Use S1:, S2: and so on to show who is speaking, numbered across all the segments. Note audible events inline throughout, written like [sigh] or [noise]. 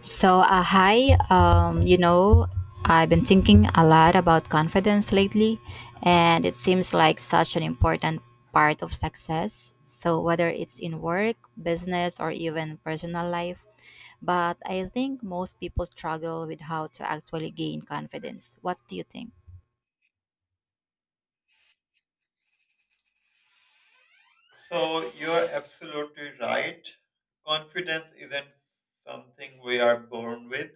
S1: So, uh, hi. Um, you know, I've been thinking a lot about confidence lately, and it seems like such an important part of success. So, whether it's in work, business, or even personal life, but I think most people struggle with how to actually gain confidence. What do you think?
S2: So you're absolutely right. Confidence isn't something we are born with,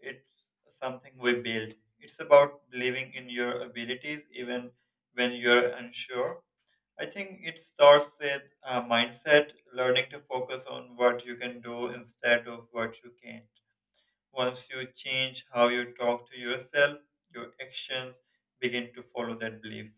S2: it's something we build. It's about believing in your abilities even when you're unsure. I think it starts with a mindset, learning to focus on what you can do instead of what you can't. Once you change how you talk to yourself, your actions begin to follow that belief.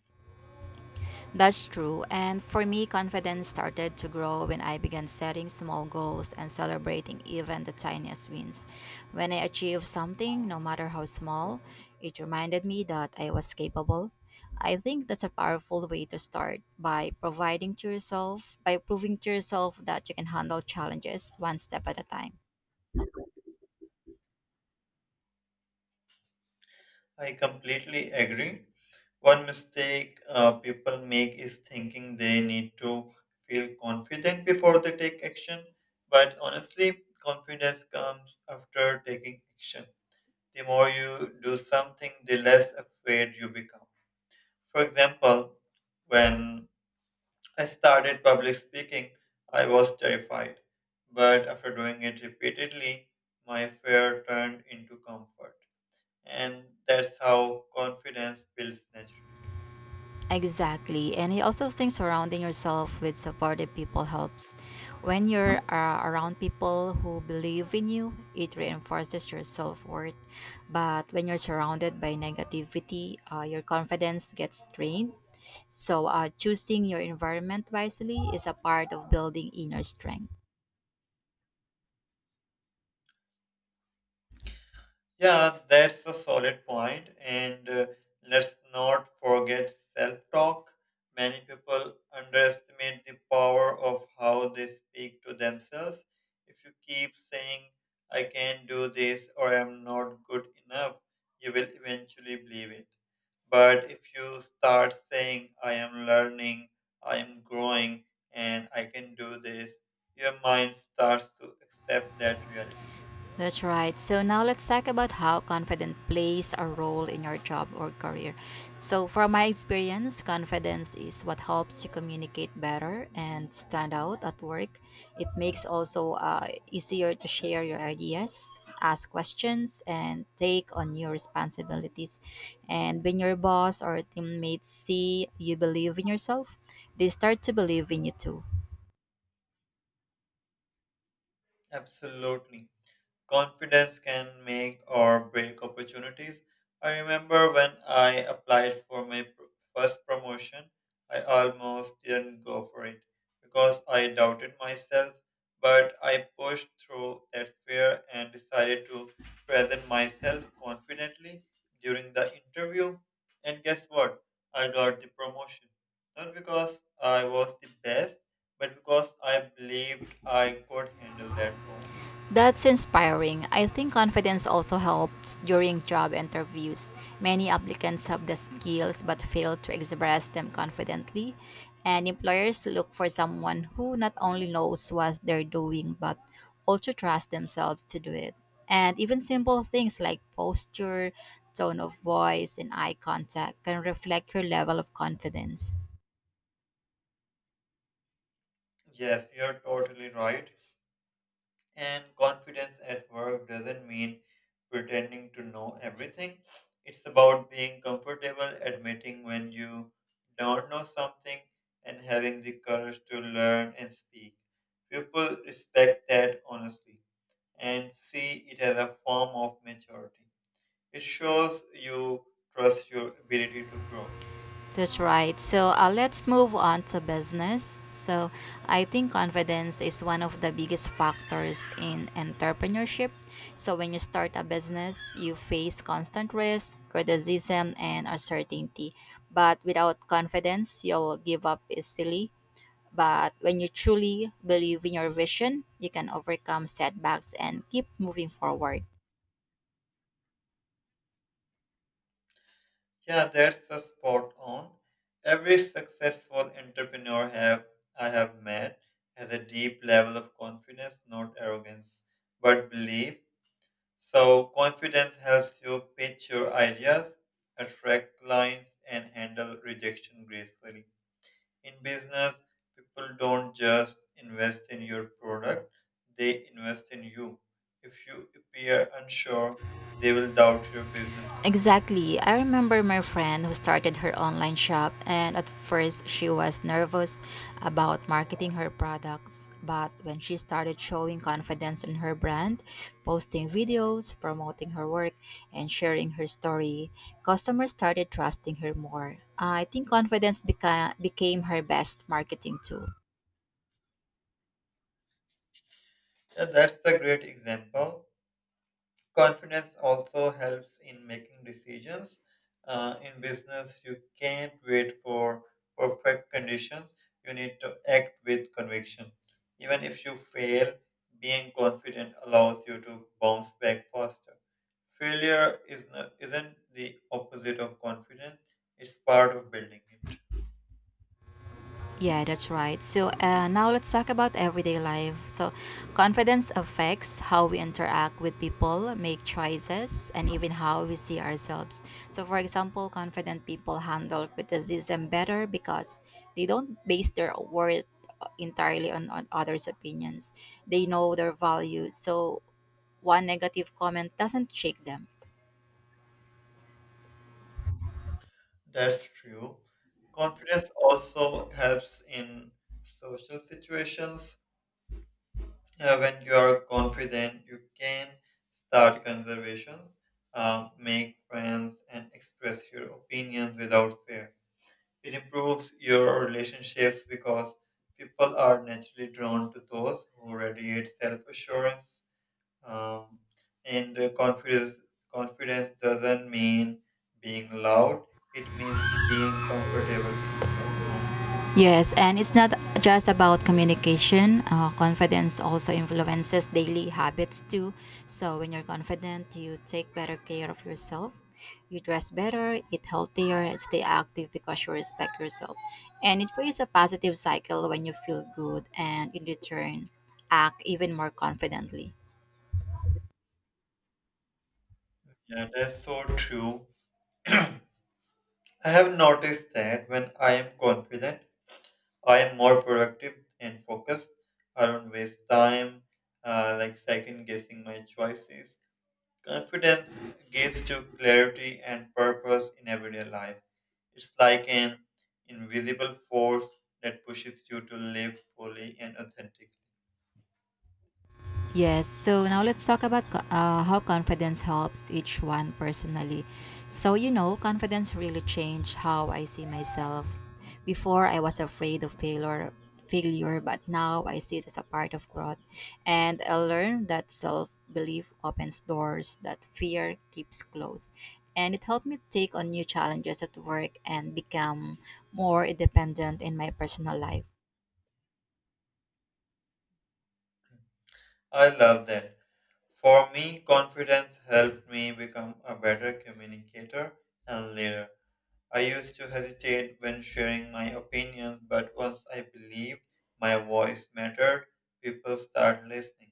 S1: That's true. And for me, confidence started to grow when I began setting small goals and celebrating even the tiniest wins. When I achieved something, no matter how small, it reminded me that I was capable. I think that's a powerful way to start by providing to yourself, by proving to yourself that you can handle challenges one step at a time.
S2: I completely agree. One mistake people make is thinking they need to feel confident before they take action. But honestly, confidence comes after taking action. The more you do something, the less afraid you become. For example, when I started public speaking, I was terrified. But after doing it repeatedly, my fear turned into comfort. And that's how confidence builds naturally.
S1: Exactly. And I also think surrounding yourself with supportive people helps. When you're around people who believe in you, it reinforces your self worth. But when you're surrounded by negativity, your confidence gets drained. So, choosing your environment wisely is a part of building inner strength.
S2: Yeah, that's a solid point, and let's not forget self-talk. Many people underestimate the power of how they speak to themselves. If you keep saying, I can't do this or I'm not good enough, you will eventually believe it. But if you start saying, I am learning, I am growing, and I can do this, your mind starts to accept that reality.
S1: That's right. So now let's talk about how confidence plays a role in your job or career. So, from my experience, confidence is what helps you communicate better and stand out at work. It makes also easier to share your ideas, ask questions, and take on new responsibilities. And when your boss or teammates see you believe in yourself, they start to believe in you too.
S2: Absolutely. Confidence can make or break opportunities. I remember when I applied for my first promotion, I almost didn't go for it because I doubted myself, but I pushed through that fear and decided to present myself confidently during the interview. And guess what? I got the promotion. Not because I was the best, but because I believed I could handle that role.
S1: That's inspiring. I think confidence also helps during job interviews. Many applicants have the skills but fail to express them confidently. And employers look for someone who not only knows what they're doing but also trusts themselves to do it. And even simple things like posture, tone of voice, and eye contact can reflect your level of confidence.
S2: Yes, you're totally right. And confidence at work doesn't mean pretending to know everything. It's about being comfortable admitting when you don't know something and having the courage to learn and speak. People respect that honestly and see it as a form of maturity. It shows you trust your ability to grow.
S1: That's right. So let's move on to business. So I think confidence is one of the biggest factors in entrepreneurship. So when you start a business, you face constant risk, criticism, and uncertainty. But without confidence, you'll give up easily. But when you truly believe in your vision, you can overcome setbacks and keep moving forward.
S2: Yeah, that's a spot on. Every successful entrepreneur have I have met has a deep level of confidence, not arrogance, but belief. So confidence helps you pitch your ideas, attract clients, and handle rejection gracefully. In business, people don't just invest in your product, they invest in you. If you appear unsure, they will doubt your business too.
S1: Exactly. I remember my friend who started her online shop, and at first she was nervous about marketing her products. But when she started showing confidence in her brand, posting videos, promoting her work, and sharing her story, customers started trusting her more. I think confidence became her best marketing tool.
S2: Yeah, that's a great example. Confidence also helps in making decisions. In business, you can't wait for perfect conditions. You need to act with conviction. Even if you fail, being confident allows you to bounce back faster. Failure is not, isn't the opposite of confidence, it's part of building it.
S1: Yeah, that's right. So now let's talk about everyday life. So, confidence affects how we interact with people, make choices, and even how we see ourselves. So, for example, confident people handle criticism better because they don't base their worth entirely on others' opinions. They know their value, so one negative comment doesn't shake them.
S2: That's true. Confidence also helps in social situations. When you are confident, you can start conversations, make friends, and express your opinions without fear. It improves your relationships because people are naturally drawn to those who radiate self-assurance. Um, and uh, confidence, Confidence doesn't mean being loud. It means being comfortable in your own skin.
S1: Yes, and it's not just about communication. Confidence also influences daily habits too. So, when you're confident, you take better care of yourself. You dress better, eat healthier, and stay active because you respect yourself. And it creates a positive cycle when you feel good and in return, act even more confidently.
S2: Yeah, that's so true. I have noticed that when I am confident, I am more productive and focused. I don't waste time, like second guessing my choices. Confidence gives to clarity and purpose in everyday life. It's like an invisible force that pushes you to live fully and authentically.
S1: Yes, so now let's talk about how confidence helps each one personally. So, confidence really changed how I see myself. Before, I was afraid of failure, but now I see it as a part of growth. And I learned that self belief opens doors that fear keeps closed. And it helped me take on new challenges at work and become more independent in my personal life.
S2: I love that. For me, confidence helped me become a better communicator and leader. I used to hesitate when sharing my opinions, but once I believed my voice mattered, people started listening.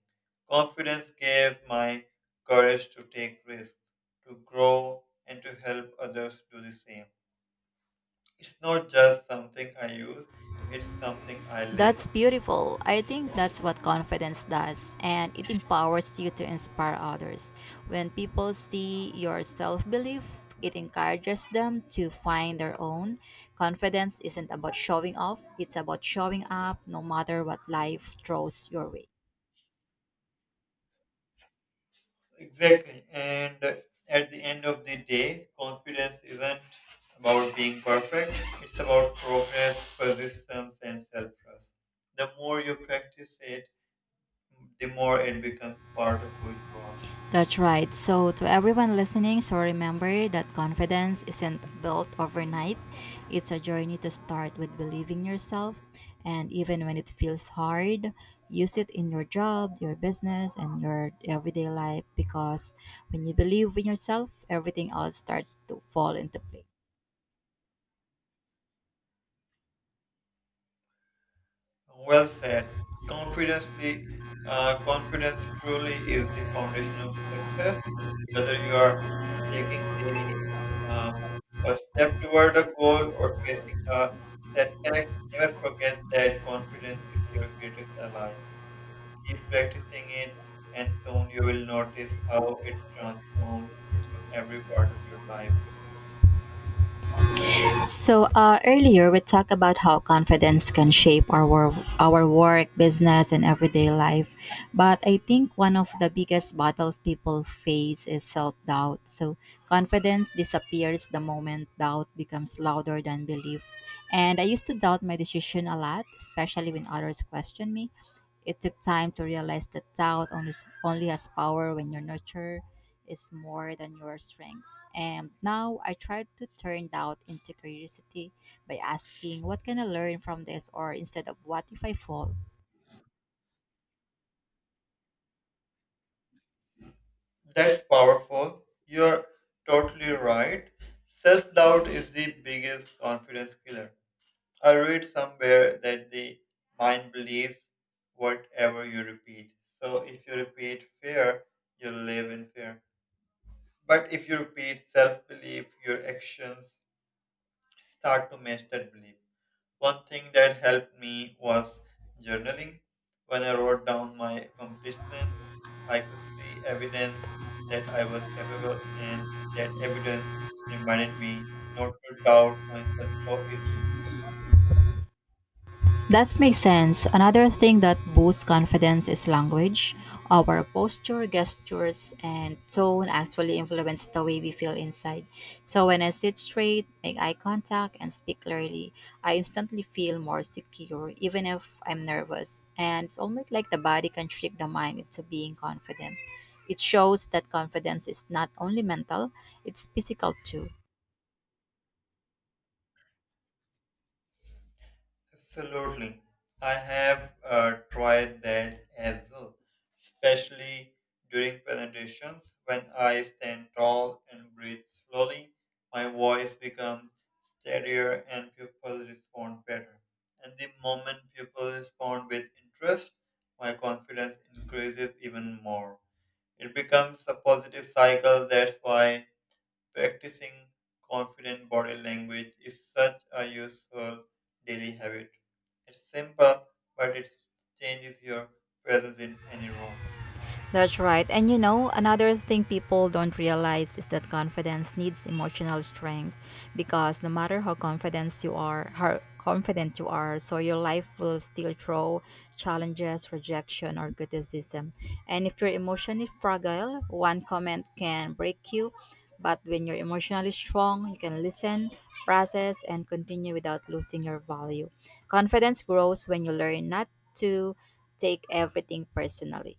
S2: Confidence gave my courage to take risks, to grow, and to help others do the same. It's not just something I use, it's something I live.
S1: That's beautiful. I think that's what confidence does, and it empowers you to inspire others. When people see your self belief, it encourages them to find their own. Confidence isn't about showing off, it's about showing up no matter what life throws your way.
S2: Exactly. And at the end of the day, confidence isn't about being perfect, it's about progress, persistence, and self trust. The more you practice it, the more it becomes part of who you are.
S1: That's right. So, to everyone listening, so remember that confidence isn't built overnight. It's a journey to start with believing yourself. And even when it feels hard, use it in your job, your business, and your everyday life because when you believe in yourself, everything else starts to fall into place.
S2: Well said. Confidently, Confidence truly is the foundation of success. Whether you are taking the um, first step toward a goal or facing a setback, never forget that confidence is your greatest ally. Keep practicing it, and soon you will notice how it transforms every part of your life.
S1: So earlier we talked about how confidence can shape our our work, business, and everyday life. But I think one of the biggest battles people face is self doubt. So confidence disappears the moment doubt becomes louder than belief. And I used to doubt my decision a lot, especially when others questioned me. It took time to realize that doubt only has power when you're nurtured is more than your strengths. And now I try to turn doubt into curiosity by asking, "What can I learn from this?" or instead of, "What if I fall?"
S2: That's powerful. You're totally right. Self doubt is the biggest confidence killer. I read somewhere that the mind believes whatever you repeat. So if you repeat fear, you live in fear. But if you repeat self belief, your actions start to match that belief. One thing that helped me was journaling. When I wrote down my accomplishments, I could see evidence that I was capable, and that evidence reminded me not to doubt myself so easily.
S1: That makes sense. Another thing that boosts confidence is language. Our posture, gestures, and tone actually influence the way we feel inside. So when I sit straight, make eye contact, and speak clearly, I instantly feel more secure, even if I'm nervous. And it's almost like the body can trick the mind into being confident. It shows that confidence is not only mental, it's physical too.
S2: Absolutely. I have tried that as well, especially during presentations. When I stand tall and breathe slowly, my voice becomes steadier and people respond better. And the moment people respond with interest, my confidence increases even more. It becomes a positive cycle. That's why practicing confident body language is such a useful daily habit. It's simple, but it changes your presence in any room.
S1: That's right. And you know, another thing people don't realize is that confidence needs emotional strength because no matter how confident you are, how confident you are, so your life will still throw challenges, rejection or criticism. And if you're emotionally fragile, one comment can break you, but when you're emotionally strong, you can listen, process and continue without losing your value. Confidence grows when you learn not to take everything personally.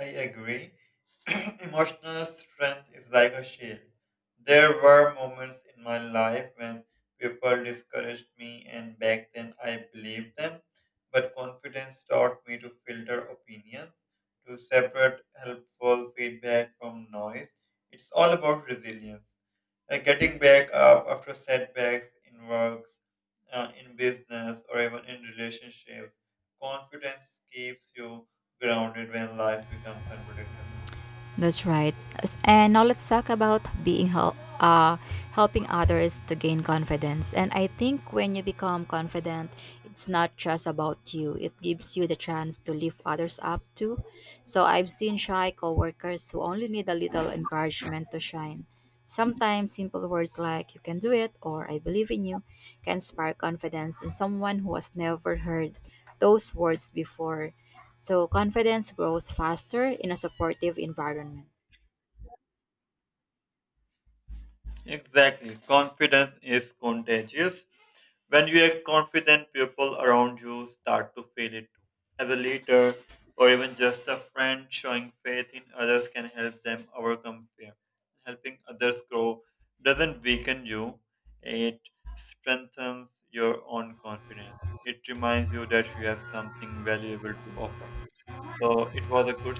S2: I agree. [clears throat] Emotional strength is like a shield. There were moments in my life when people discouraged me, and back then I believed them. But confidence taught me to filter opinions, to separate helpful feedback from noise. It's all about resilience. Getting back up after setbacks in works, in business, or even in relationships, confidence keeps you grounded when life becomes unpredictable.
S1: That's right. And now let's talk about being helping others to gain confidence. And I think when you become confident, it's not just about you. It gives you the chance to lift others up too. So I've seen shy coworkers who only need a little encouragement to shine. Sometimes simple words like "you can do it" or "I believe in you" can spark confidence in someone who has never heard those words before. So, confidence grows faster in a supportive environment.
S2: Exactly. Confidence is contagious. When you are confident, people around you start to feel it too. As a leader or even just a friend, showing faith in others can help them overcome fear. Helping others grow doesn't weaken you, it strengthens your own confidence. It reminds you that you have something valuable to offer. So it was a good